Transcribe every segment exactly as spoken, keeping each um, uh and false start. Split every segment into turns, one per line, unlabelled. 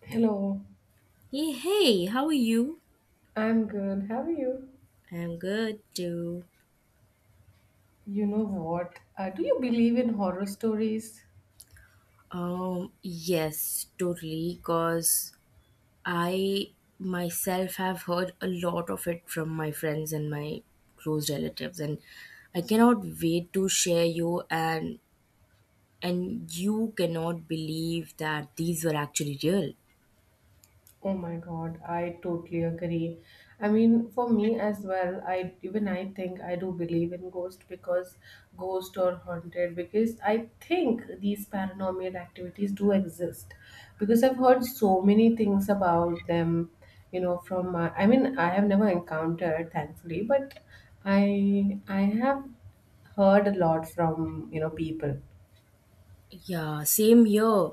Hello,
Hey, hey, how are you?
I'm good. How are you?
I'm good too.
You know what? Uh, do you believe in horror stories?
Um, yes, totally, cause I myself have heard a lot of it from my friends and my close relatives, and I cannot wait to share you and and you cannot believe that these were actually real.
Oh my God, I totally agree. I mean, for me as well, I even I think I do believe in ghost because ghost or haunted because I think these paranormal activities do exist because I've heard so many things about them, you know, from my, I mean, I have never encountered, thankfully, but I I have heard a lot from, you know, people.
Yeah, same here.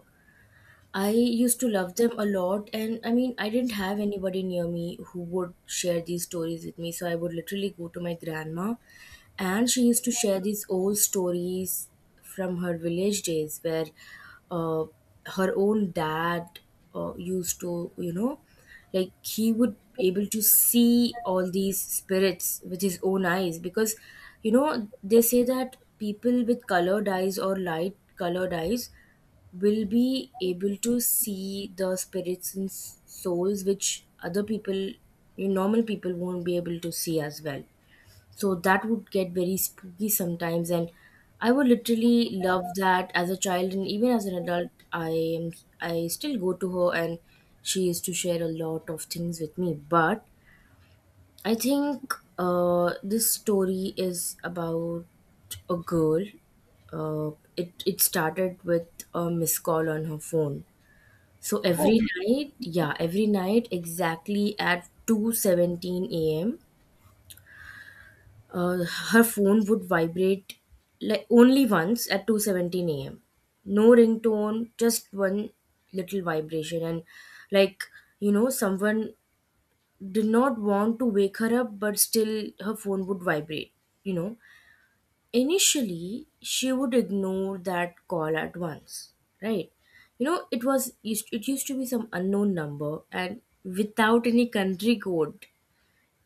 I used to love them a lot, and I mean, I didn't have anybody near me who would share these stories with me, so I would literally go to my grandma, and she used to share these old stories from her village days where uh, her own dad uh, used to, you know, like he would able to see all these spirits with his own eyes, because you know they say that people with colored eyes or light colored eyes will be able to see the spirits and s- souls which other people, you normal people, won't be able to see as well. So that would get very spooky sometimes, and I would literally love that as a child. And even as an adult, i am i still go to her, and she used to share a lot of things with me. But I think uh, this story is about a girl. Uh, it it started with a missed call on her phone. So
Oh,
every, mhm, night, yeah, every night, exactly at two seventeen a m. Uh, her phone would vibrate, like, only once at two seventeen a m. No ringtone, just one little vibration, and, like, you know, someone did not want to wake her up, but still her phone would vibrate, you know. Initially, she would ignore that call at once, right? You know, it was used it used to be some unknown number, and without any country code.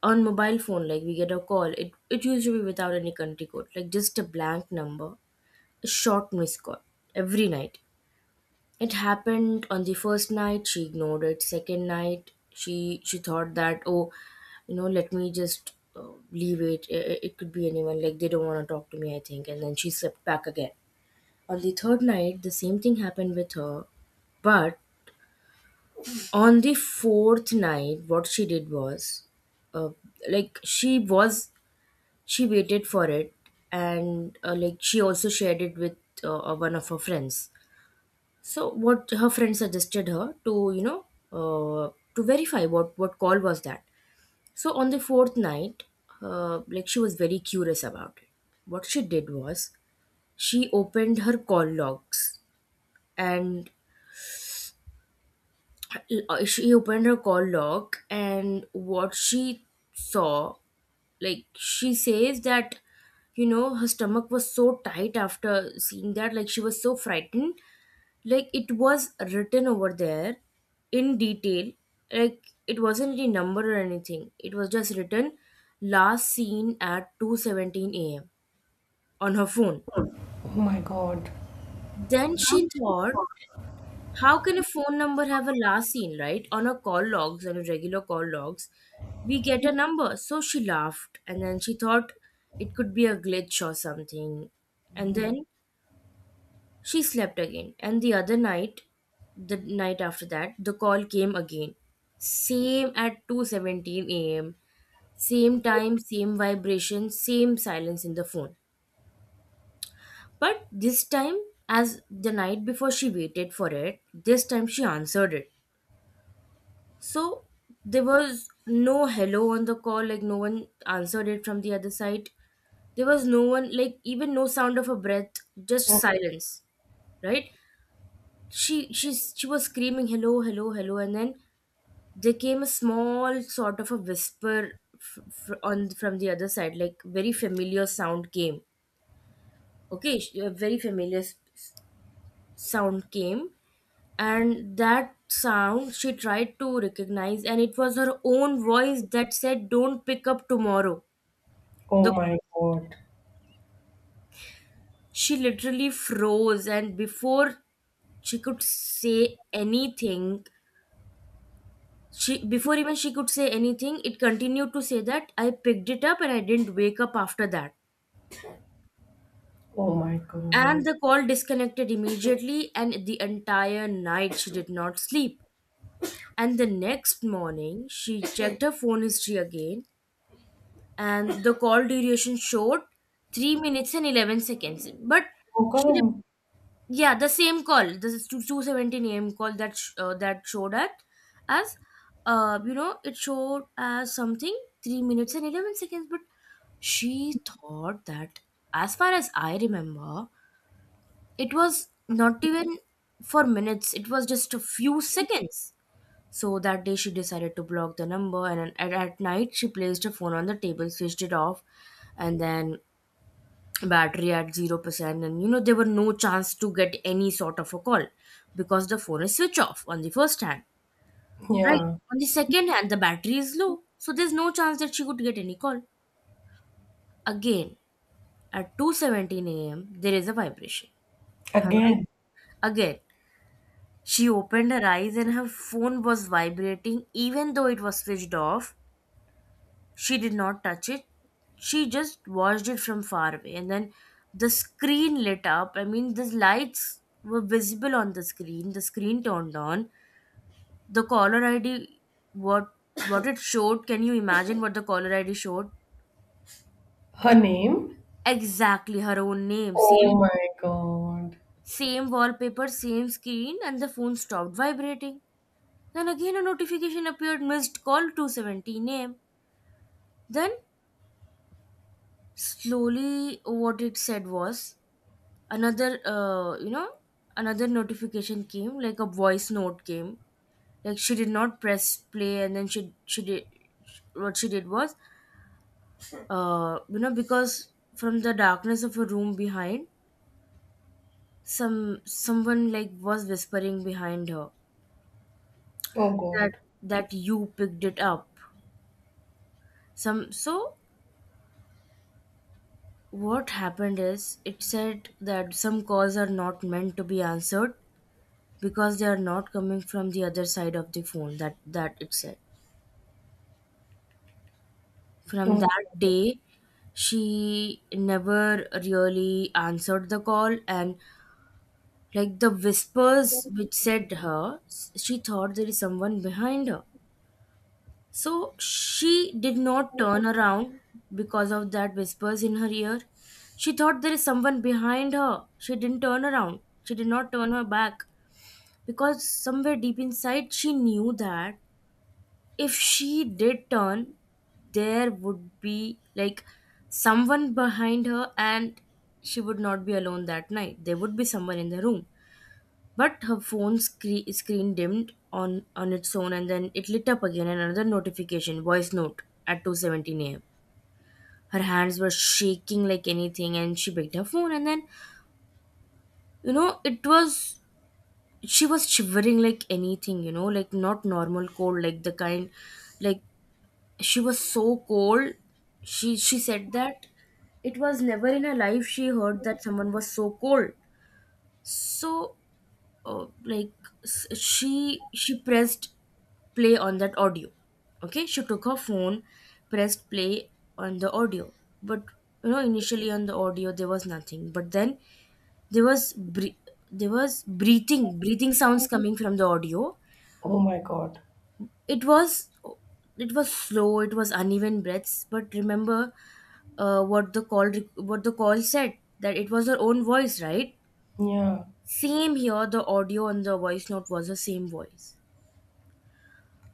On mobile phone, like we get a call, it it used to be without any country code, like just a blank number, a short missed call every night. It happened on the first night, she ignored it. Second night, she she thought that, oh, you know, let me just uh, leave it. it. It could be anyone. Like, they don't want to talk to me, I think. And then she slipped back again. On the third night, the same thing happened with her. But on the fourth night, what she did was, uh, like, she was she waited for it. And uh, like, she also shared it with uh, one of her friends. So what her friend suggested her to, you know, uh, to verify what what call was that. So on the fourth night, uh, like, she was very curious about it. What she did was, she opened her call logs, and uh, she opened her call log. And what she saw, like, she says that, you know her stomach was so tight after seeing that. Like, she was so frightened. Like, it was written over there in detail. Like, it wasn't any number or anything, it was just written, last seen at two seventeen a m on her phone.
oh my God.
Then she thought, how can a phone number have a last seen right on her call logs? On and regular call logs, we get a number. So she laughed, and then she thought it could be a glitch or something. And then she slept again. And the other night, the night after that, the call came again, same at two seventeen a m Same time, same vibration, same silence in the phone. But this time, as the night before, she waited for it. This time, she answered it. So there was no hello on the call, like no one answered it from the other side. There was no one, like even no sound of a breath, just
Oh,
silence, right? She she she was screaming, hello, hello, hello. And then there came a small sort of a whisper, f- f- on from the other side, like, very familiar sound came. Okay, sh- a very familiar s- sound came, and that sound she tried to recognize, and it was her own voice that said, don't pick up tomorrow.
oh
The
my God.
She literally froze, and before she could say anything, she before even she could say anything it continued to say that, I picked it up and I didn't wake up after that.
Oh my
And
God.
the call disconnected immediately, and the entire night she did not sleep. And the next morning, she checked her phone history again, and the call duration showed three minutes and eleven seconds. But
How
she re-
come?
yeah, the same call, this is two two seventeen am call that sh- uh, that showed at, as, uh, you know it showed as something, three minutes and eleven seconds. But she thought that, as far as I remember, it was not even for minutes, it was just a few seconds. So that day, she decided to block the number, and at, at night she placed her phone on the table, switched it off. And then, battery at zero percent, and you know there were no chance to get any sort of a call, because the phone is switched off on the first hand. Right.
Yeah.
On the second hand, the battery is low. So there's no chance that she could get any call. Again, at two seventeen a m there is a vibration. Her eyes
Again.
Again, she opened her eyes, and her phone was vibrating even though it was switched off. She did not touch it. She just watched it from far away. And then the screen lit up. I mean, the lights were visible on the screen. The screen turned on. The caller I D, what what it showed, can you imagine what the caller I D showed?
Her name?
Exactly her own name.
Oh
Same
my god.
same wallpaper, same screen, and the phone stopped vibrating. Then again a notification appeared, missed call two seventy name. Then slowly what it said was, another uh, you know another notification came, like a voice note came, like, she did not press play. And then she she did what she did was, uh you know because from the darkness of a room behind, some someone, like, was whispering behind her,
Oh
that
god.
that you picked it up. Some so what happened is, it said that some calls are not meant to be answered, because they are not coming from the other side of the phone, that that it said. From
Oh,
that day, she never really answered the call. And, like, the whispers which said her, she thought there is someone behind her. So she did not turn around because of that whispers in her ear. She thought there is someone behind her. She didn't turn around. She did not turn her back, because somewhere deep inside she knew that if she did turn, there would be, like, someone behind her, and she would not be alone that night. There would be someone in the room. But her phone scre- screen dimmed on, on its own, and then it lit up again, and another notification, voice note at two seventeen a m. Her hands were shaking like anything, and she picked her phone, and then, you know, it was, she was shivering like anything, you know, like, not normal cold, like the kind. Like, she was so cold, she she said that it was never in her life she heard that someone was so cold. So uh, like, s- she she pressed play on that audio. Okay, she took her phone, pressed play on the audio. But you know initially, on the audio there was nothing. But then, there was bre- there was breathing breathing sounds coming from the audio.
oh my god.
It was it was slow, it was uneven breaths. But remember, uh, what the call what the call said, that it was her own voice, right?
Yeah.
Same here, the audio on the voice note was the same voice.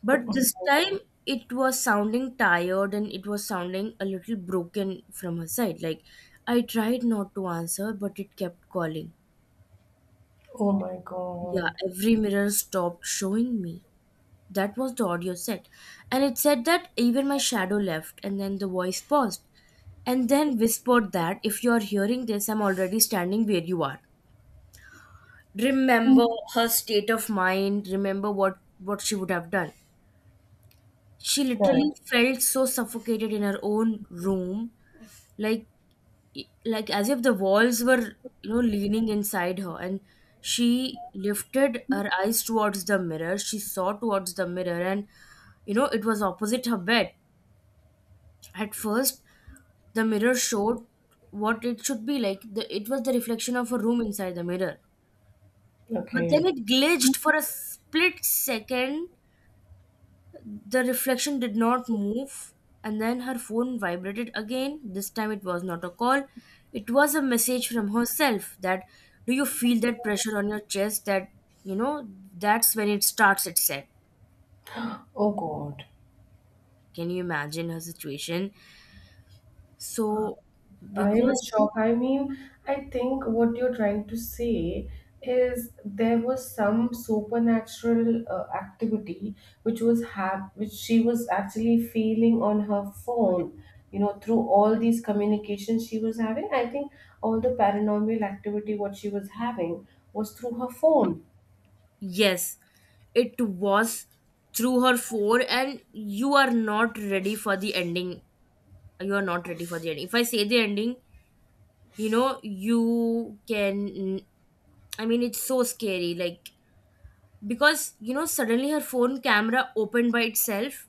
But
Oh oh
this
my
time,
god.
it was sounding tired, and it was sounding a little broken from her side, like, I tried not to answer but it kept calling.
Oh my
Yeah,
god.
every mirror stopped showing me. That was the audio set. And it said that, even my shadow left. And then the voice paused, and then whispered that, if you are hearing this, I'm already standing where you are. Remember her state of mind, remember what, what she would have done. She literally
Correct.
felt so suffocated in her own room, like like as if the walls were, you know, leaning inside her. And she lifted her eyes towards the mirror. She saw towards the mirror. And you know, it was opposite her bed. At first, the mirror showed what it should be like. The, it was the reflection of a room inside the mirror. But then
Okay.
it glitched for a split second. The reflection did not move. And then her phone vibrated again. This time it was not a call, it was a message from herself that, do you feel that pressure on your chest? That, you know, that's when it starts, it said.
Oh god.
Can you imagine her situation? So,
I am in
because
shock. I mean, I think what you're trying to say is there was some supernatural uh, activity which was hap- which she was actually feeling on her phone. You know, through all these communications she was having, I think all the paranormal activity what she was having was through her phone.
yes, it was through her four, and you are not ready for the ending. You are not ready for the ending. If I say the ending, you know, you can. I mean, it's so scary. Like, because, you know, suddenly her phone camera opened by itself.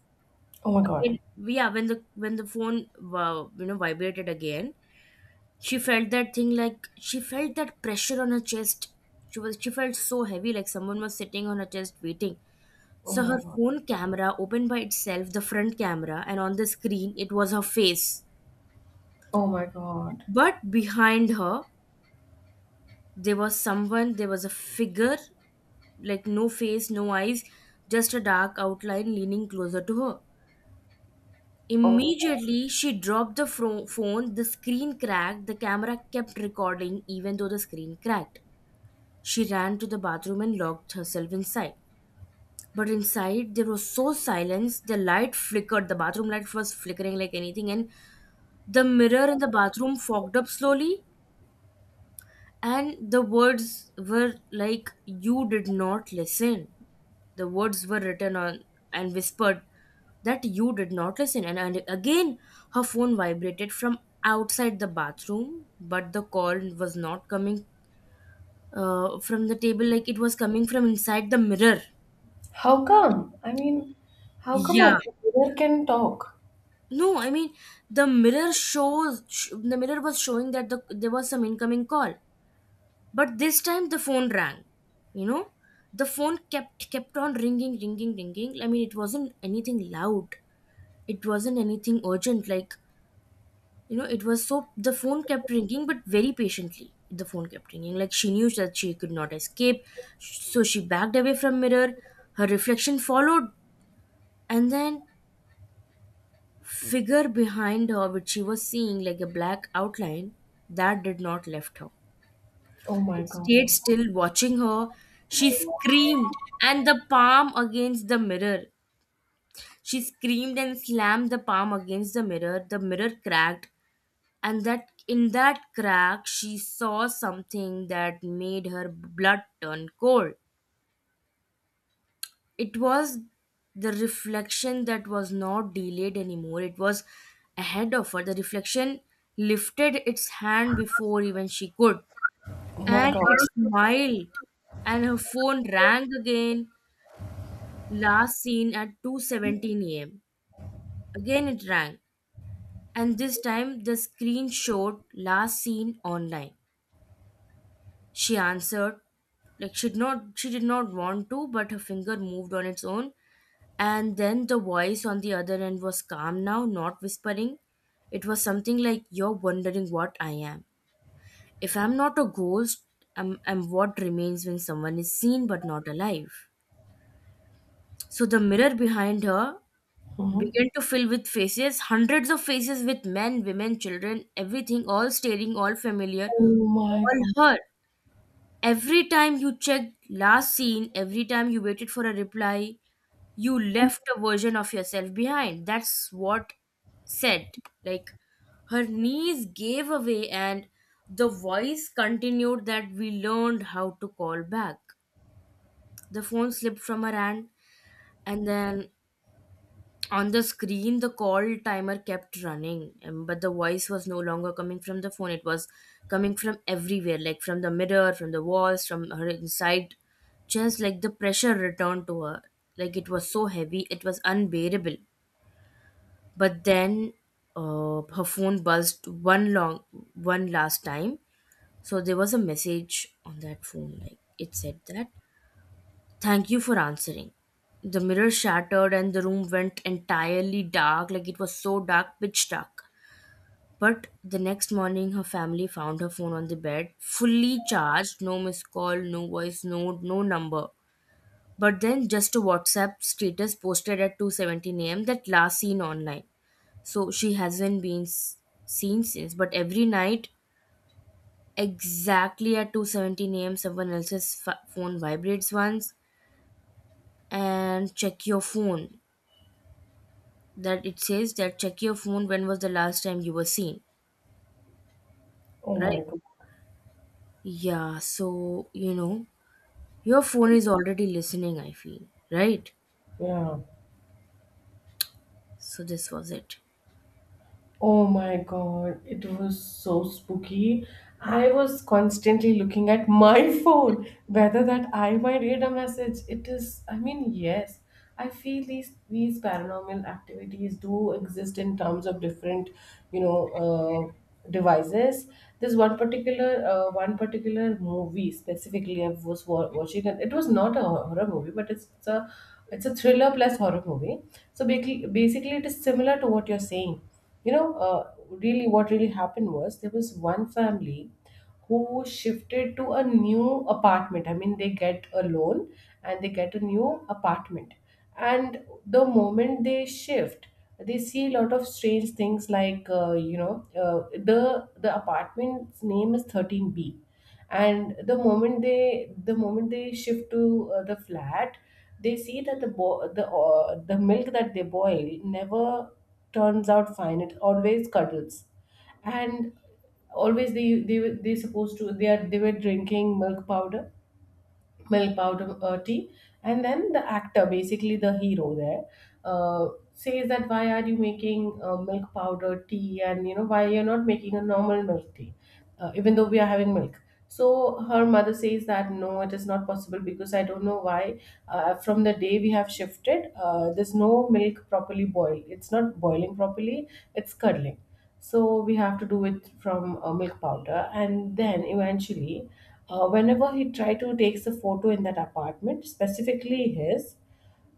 Oh my god.
It, yeah, when the when the phone, wow, you know, vibrated again, she felt that thing, like she felt that pressure on her chest. She was she felt so heavy, like someone was sitting on her chest waiting.
Oh
So
my
her
god.
phone camera opened by itself, the front camera, and on the screen it was her face.
Oh my god.
But behind her, there was someone, there was a figure, like no face, no eyes, just a dark outline leaning closer to her.
Oh,
Immediately, she dropped the fro- phone, the screen cracked, the camera kept recording even though the screen cracked. She ran to the bathroom and locked herself inside. But inside, there was so silence, the light flickered, the bathroom light was flickering like anything, and the mirror in the bathroom fogged up slowly, and the words were like, "You did not listen." The words were written on and whispered that you did not listen. And, and again, her phone vibrated from outside the bathroom, but the call was not coming uh, from the table, like it was coming from inside the mirror.
how come? I mean, how come a
Yeah.
brother can talk?
No, I mean, the mirror shows sh- the mirror was showing that the there was some incoming call, but this time the phone rang, you know, the phone kept kept on ringing, ringing, ringing. I mean, it wasn't anything loud, it wasn't anything urgent, like, you know, it was so the phone kept ringing, but very patiently the phone kept ringing, like she knew that she could not escape. So she backed away from mirror, her reflection followed, and then figure behind her, which she was seeing like a black outline, that did not left her.
Oh
I
my god.
stayed still watching her. She screamed and the palm against the mirror. She screamed and slammed the palm against the mirror. The mirror cracked, and that in that crack she saw something that made her blood turn cold. It was the reflection that was not delayed anymore. It was ahead of her. The reflection lifted its hand before even she could.
Oh my
And
god.
it smiled. And her phone rang again, last seen at two seventeen a m. Again it rang, and this time the screen showed last seen online. She answered, like she did not she did not want to, but her finger moved on its own. And then the voice on the other end was calm now, not whispering. It was something like, "You're wondering what I am. If I'm not a ghost, I'm, I'm what remains when someone is seen but not alive." So the mirror behind her
Mhm.
began to fill with faces, hundreds of faces with men, women, children, everything, all staring, all familiar,
Oh my
all
God.
her. "Every time you checked last scene, every time you waited for a reply, you left a version of yourself behind." That's what said. Like her knees gave away, and the voice continued that we learned how to call back. The phone slipped from her hand, and then on the screen, the call timer kept running, um, but the voice was no longer coming from the phone. It was coming from everywhere, like from the mirror, from the walls, from her inside. Just like the pressure returned to her. Like it was so heavy, it was unbearable. But then uh, her phone buzzed one long, one last time. So there was a message on that phone. Like it said that, "Thank you for answering." The mirror shattered and the room went entirely dark, like it was so dark, pitch dark. But the next morning, her family found her phone on the bed, fully charged, no missed call, no voice note, no number. But then just a WhatsApp status posted at two seventeen a m that last seen online. So she hasn't been s- seen since. But every night, exactly at two seventeen a m, someone else's f- phone vibrates once and check your phone. That it says that check your phone, when was the last time you were seen?
Oh
Right.
my God.
Yeah, so you know, your phone is already listening, I feel. Right.
Yeah.
So this was it.
Oh my god, it was so spooky. I was constantly looking at my phone, whether that I might read a message. It is, I mean, yes, I feel these these paranormal activities do exist in terms of different, you know, uh, devices. There's one particular uh, one particular movie specifically I was wa- watching, and it was not a horror movie, but it's a it's a thriller plus horror movie. So basically, basically, it is similar to what you're saying, you know uh, really what really happened was there was one family who shifted to a new apartment. I mean, they get a loan and they get a new apartment. And the moment they shift, they see a lot of strange things like uh, you know uh, the the apartment's name is thirteen B. And the moment they the moment they shift to uh, the flat, they see that the bo- the uh, the milk that they boil never turns out fine, it always curdles. And always they they were they supposed to they are they were drinking milk powder milk powder uh, tea. And then the actor, basically the hero there, uh, says that why are you making uh, milk powder tea, and you know why you're not making a normal milk tea, uh, even though we are having milk. So her mother says that no, it is not possible because I don't know why. Uh, from the day we have shifted, uh, there's no milk properly boiled, it's not boiling properly, it's curdling. So we have to do it from uh, milk powder. And then eventually, uh, whenever he try to takes a photo in that apartment specifically, his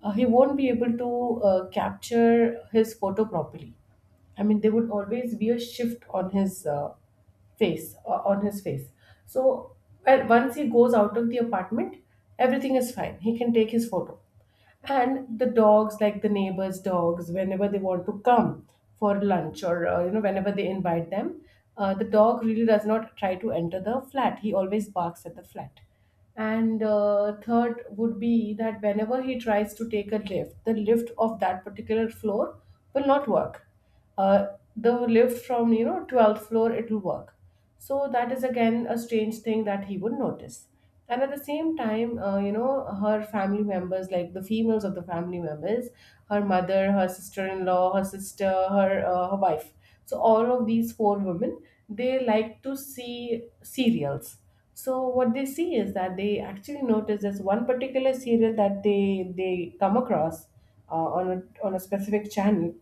uh, he won't be able to uh, capture his photo properly. I mean, there would always be a shift on his uh, face uh, on his face. So, well, once he goes out of the apartment, everything is fine, he can take his photo. And the dogs, like the neighbors dogs, whenever they want to come for lunch or uh, you know whenever they invite them, uh, the dog really does not try to enter the flat, he always barks at the flat. And uh, third would be that whenever he tries to take a lift, the lift of that particular floor will not work. Uh, the lift from you know twelfth floor, it will work. So that is again a strange thing that he would notice. And at the same time, uh, you know her family members, like the females of the family members, her mother, her sister-in-law, her sister, her uh, her wife, so all of these four women, they like to see serials. So what they see is that they actually notice this one particular serial that they they come across, uh, on a, on a specific channel.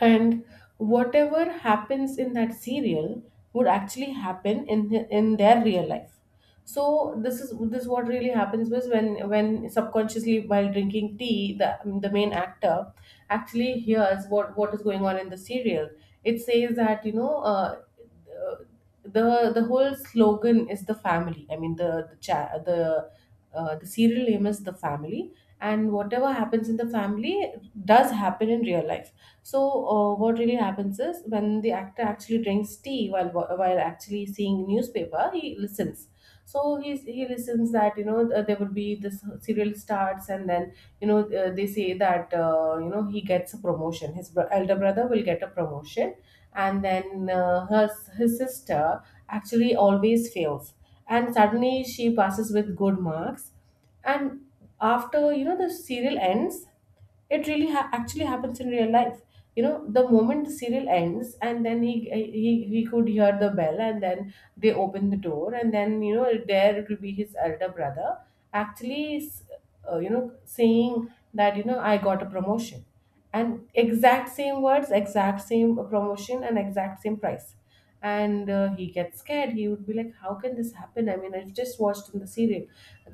And whatever happens in that serial would actually happen in the, in their real life. So this is this what really happens was when when subconsciously, while drinking tea, the the main actor actually hears what what is going on in the serial. It says that, you know uh, the the whole slogan is the family. I mean, the the cha- the uh, the serial name is the family, and whatever happens in the family does happen in real life. So, uh, what really happens is when the actor actually drinks tea while while actually seeing newspaper, he listens. So he's, he listens that you know th- there would be this serial starts, and then you know uh, they say that, uh, you know he gets a promotion. His bro- elder brother will get a promotion, and then uh, her his sister actually always fails, and suddenly she passes with good marks. And after you know the serial ends, it really ha- actually happens in real life. You know the moment the serial ends, and then he, he he could hear the bell, and then they open the door, and then you know there it will be his elder brother actually s- uh, you know saying that, you know I got a promotion, and exact same words, exact same promotion, and exact same price. And uh, he gets scared, he would be like, how can this happen? I mean, I've just watched in the serial.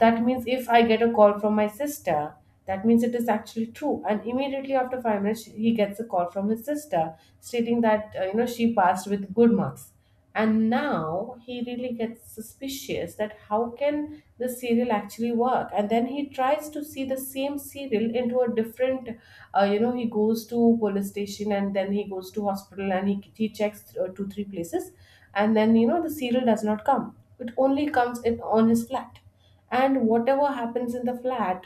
That means if I get a call from my sister, that means it is actually true. And immediately after five minutes, he gets a call from his sister stating that, uh, you know she passed with good marks. And now he really gets suspicious that how can the serial actually work. And then he tries to see the same serial into a different, uh, you know he goes to police station, and then he goes to hospital, and he, he checks uh, two three places. And then you know the serial does not come, it only comes in on his flat, and whatever happens in the flat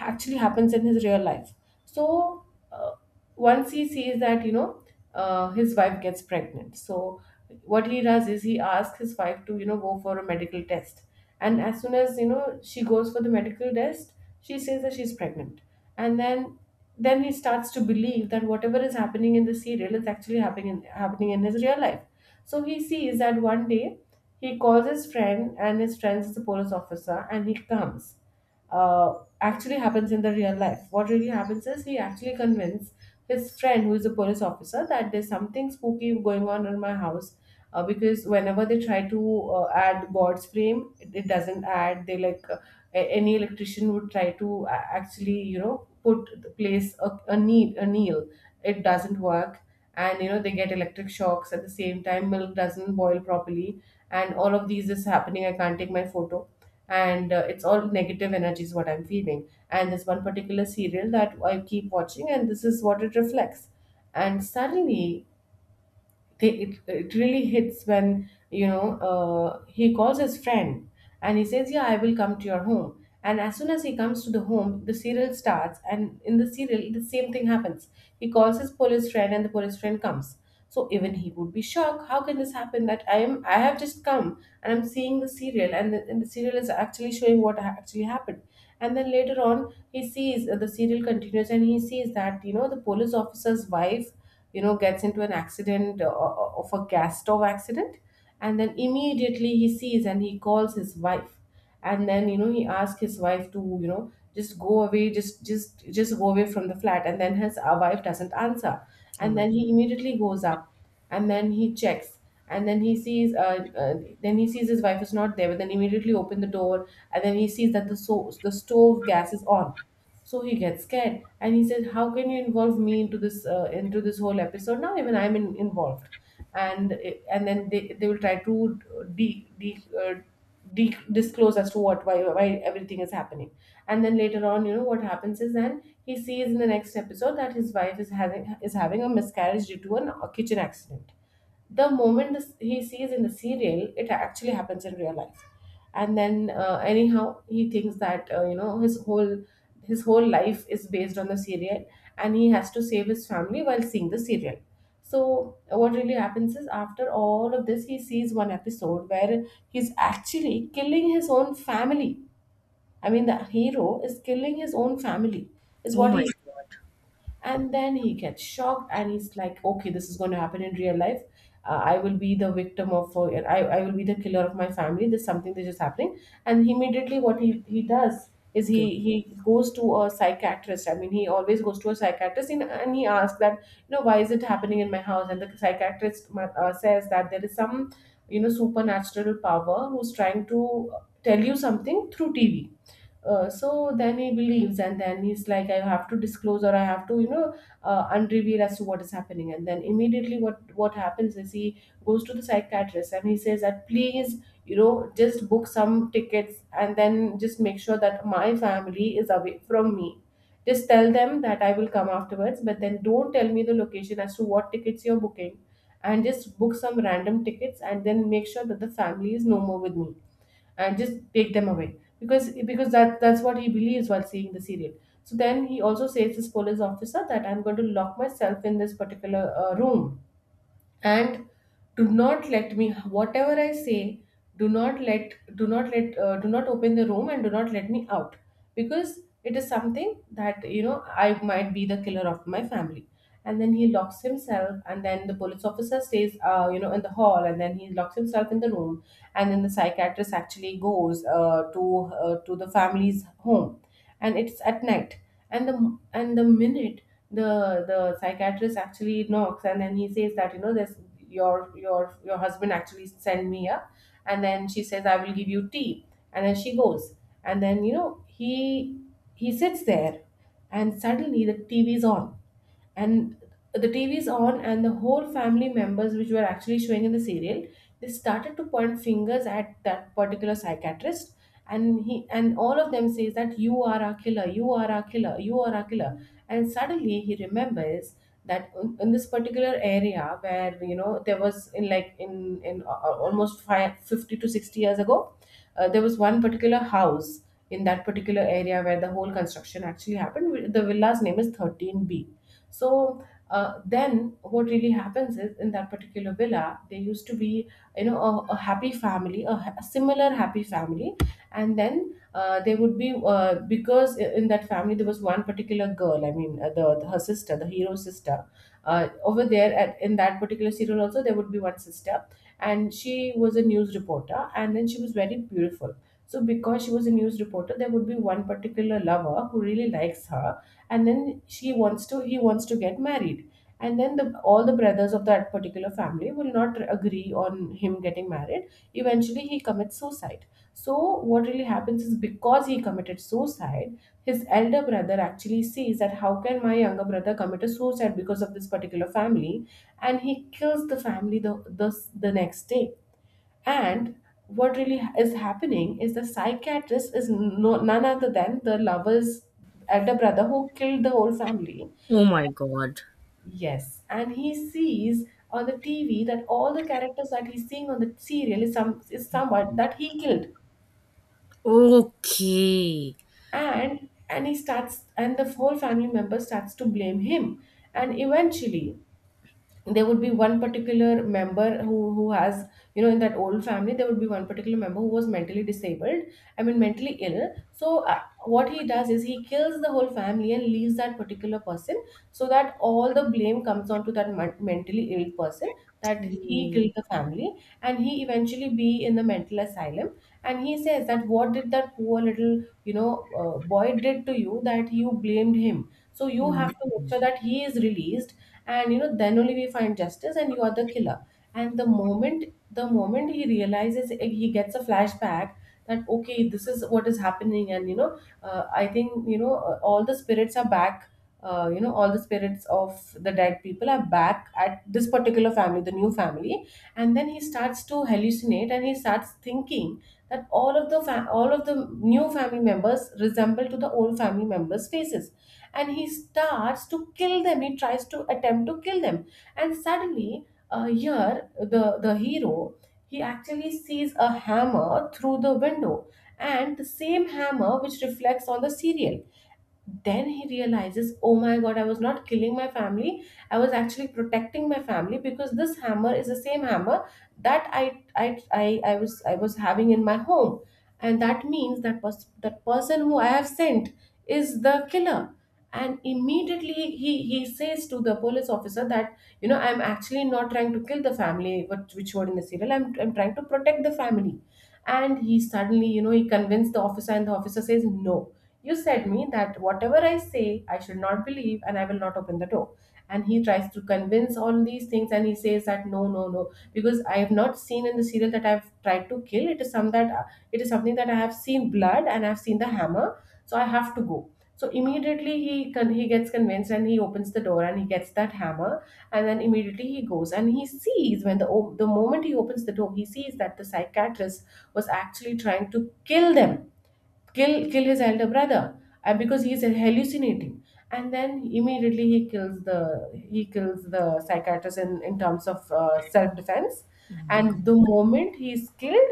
actually happens in his real life. So, uh, uh, once he sees that, you know uh, his wife gets pregnant. So what he does is he asks his wife to you know go for a medical test, and as soon as you know she goes for the medical test, she says that she's pregnant. And then then he starts to believe that whatever is happening in the serial is actually happening in, happening in his real life. So he sees that one day he calls his friend, and his friend is a police officer, and he comes. Uh, actually happens in the real life. What really happens is he actually convinced his friend, who is a police officer, that there's something spooky going on in my house. Uh, because whenever they try to uh, add God's frame, it, it doesn't add. They like a- any electrician would try to a- actually you know put the place a, a need a nail, it doesn't work. And you know they get electric shocks. At the same time, milk doesn't boil properly, and all of these is happening, I can't take my photo. And uh, it's all negative energy is what I'm feeling. And there's one particular serial that I keep watching, and this is what it reflects. And suddenly they, it, it really hits when, you know uh, he calls his friend, and he says, yeah, I will come to your home. And as soon as he comes to the home, the serial starts, and in the serial the same thing happens, he calls his police friend, and the police friend comes. So even he would be shocked, how can this happen that i am i have just come, and I'm seeing the serial, and the, and the serial is actually showing what ha- actually happened. And then later on he sees, uh, the serial continues, and he sees that, you know the police officer's wife you know gets into an accident, uh, uh, of a gas stove accident. And then immediately he sees, and he calls his wife, and then you know he asks his wife to you know just go away, just just just go away from the flat. And then his uh, wife doesn't answer.
Oh
And
my.
then he immediately goes up, and then he checks, and then he sees uh, uh, then he sees his wife is not there, but then immediately open the door, and then he sees that the so the stove gas is on. So he gets scared and he says, "How can you involve me into this uh, into this whole episode? Now even I'm in, involved." And it- and then they, they will try to de, de, uh, de- disclose as to what why why everything is happening. And then later on, you know what happens is then he sees in the next episode that his wife is having is having a miscarriage due to an, a kitchen accident the moment this- he sees in the serial, it actually happens in real life. And then, uh, anyhow, he thinks that uh, you know his whole his whole life is based on the serial, and he has to save his family while seeing the serial. So, uh, what really happens is after all of this, he sees one episode where he's actually killing his own family. I mean, the hero is killing his own family, is
Oh
what
my
he. And then he gets shocked and he's like, okay, this is going to happen in real life. Uh, i will be the victim of uh, I, I will be the killer of my family. There's something that's just happening, and he immediately what he, he does is
god.
he he goes to a psychiatrist. I mean, he always goes to a psychiatrist, and, and he asks that, you know, why is it happening in my house? And the psychiatrist uh, says that there is some, you know, supernatural power who's trying to tell you something through TV. Uh, so then he believes, and then he's like, I have to disclose or I have to, you know, uh, unreveal as to what is happening. And then immediately, what what happens is he goes to the psychiatrist and he says that please, you know, just book some tickets and then just make sure that my family is away from me. Just tell them that I will come afterwards, but then don't tell me the location as to what tickets you're booking, and just book some random tickets and then make sure that the family is no more with me and just take them away because because that that's what he believes while seeing the serial. So then he also says this police officer that I'm going to lock myself in this particular uh, room and do not let me, whatever I say, do not let do not let uh, do not open the room and do not let me out, because it is something that, you know, I might be the killer of my family. And then he locks himself and then the police officer stays, uh, you know, in the hall, and then he locks himself in the room. And then the psychiatrist actually goes uh, to uh, to the family's home, and it's at night. And the and the minute the the psychiatrist actually knocks and then he says that, you know, this your your your husband actually sent me here. And then she says, I will give you tea, and then she goes. And then, you know, he he sits there, and suddenly the TV is on. And the T V is on, and the whole family members, which were actually showing in the serial, they started to point fingers at that particular psychiatrist, and he and all of them says that you are a killer, you are a killer, you are a killer. And suddenly he remembers that in, in this particular area where, you know, there was in like in in a- a- almost five fifty to sixty years ago uh, there was one particular house in that particular area where the whole construction actually happened. The villa's name is thirteen B. So uh, then what really happens is in that particular villa there used to be, you know, a, a happy family, a, ha- a similar happy family. And then uh, there would be uh, because i- in that family there was one particular girl. I mean, uh, the, the her sister, the hero sister, uh, over there at, in that particular serial, also there would be one sister, and she was a news reporter, and then she was very beautiful. So because she was a news reporter, there would be one particular lover who really likes her, and then she wants to he wants to get married. And then the all the brothers of that particular family will not agree on him getting married. Eventually he commits suicide. So what really happens is because he committed suicide, his elder brother actually sees that how can my younger brother commit a suicide because of this particular family? And he kills the family the the, the next day. And what really ha- is happening is the psychiatrist is, no, none other than the lover's elder brother who killed the whole family.
Oh my god.
Yes, and he sees on the T V that all the characters that he's seeing on the serial is some is someone that he killed,
Okay.
and and he starts, and the whole family member starts to blame him. And eventually there would be one particular member who who has, you know, in that old family, there would be one particular member who was mentally disabled. I mean, mentally ill. So uh, what he does is he kills the whole family and leaves that particular person, so that all the blame comes onto that mon- mentally ill person, that he
Mm,
killed the family. And he eventually be in the mental asylum. And he says that, what did that poor little, you know, uh, boy did to you that you blamed him? So you
mm,
have to make sure that he is released, and, you know, then only we find justice, and you are the killer. And the moment the moment he realizes, eh, he gets a flashback that, okay, this is what is happening. And, you know, uh, I think, you know, uh, all the spirits are back. Uh, you know, all the spirits of the dead people are back at this particular family, the new family. And then he starts to hallucinate, and he starts thinking that all of the fa- all of the new family members resemble to the old family members' faces, and he starts to kill them. He tries to attempt to kill them. And suddenly, uh, here the the hero, he actually sees a hammer through the window, and the same hammer which reflects on the serial. Then he realizes, oh my god, I was not killing my family, I was actually protecting my family, because this hammer is the same hammer that i i i, I was i was having in my home. And that means that pers- that person who I have sent is the killer. And immediately he he says to the police officer that, you know, I'm actually not trying to kill the family which, which were in the serial. I'm, I'm trying to protect the family. And he suddenly, you know, he convinced the officer, and the officer says, no, you said me that whatever I say, I should not believe, and I will not open the door. And he tries to convince all these things, and he says that, no, no, no, because I have not seen in the serial that I've tried to kill. It is some that it is something that I have seen blood and I've seen the hammer, so I have to go. So immediately he con- he gets convinced, and he opens the door and he gets that hammer. And then immediately he goes and he sees when the o- the moment he opens the door, he sees that the psychiatrist was actually trying to kill them, kill kill his elder brother, uh, because he's hallucinating. And then immediately he kills the he kills the psychiatrist in, in terms of uh, self-defense.
oh my god.
And the moment he's killed,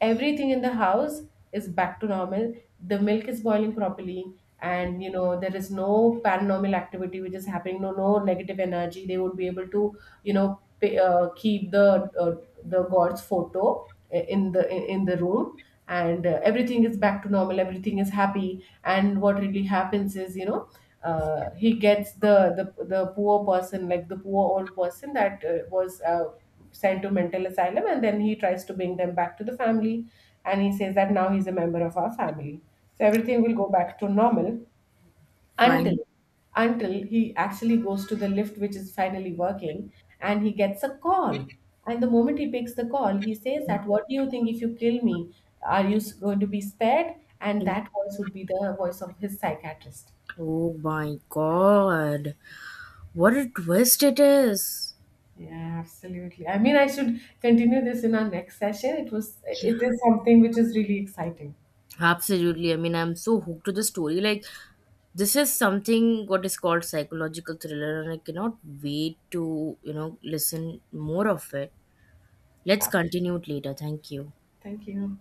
everything in the house is back to normal. The milk is boiling properly, and, you know, there is no paranormal activity which is happening. No, no negative energy. They would be able to, you know, pay, uh, keep the uh, the god's photo in the in in the room. And uh, everything is back to normal, everything is happy. And what really happens is, you know, uh, he gets the, the the poor person, like the poor old person that uh, was uh, sent to mental asylum, and then he tries to bring them back to the family. And he says that now he's a member of our family, so everything will go back to normal. Until
Fine.
until he actually goes to the lift which is finally working, and he gets a call. And the moment he picks the call, he says that, what do you think, if you kill me, are you s- going to be spared? And
Mm.
that voice would be the voice of his psychiatrist.
Oh my god, what a twist it is.
Yeah, absolutely. I mean, I should continue this in our next session. It was,
Yeah.
it is something which is really exciting.
Absolutely. I mean, I'm so hooked to the story. Like, this is something what is called psychological thriller, and I cannot wait to, you know, listen more of it. Let's
Yeah,
continue it later. Thank you.
thank you.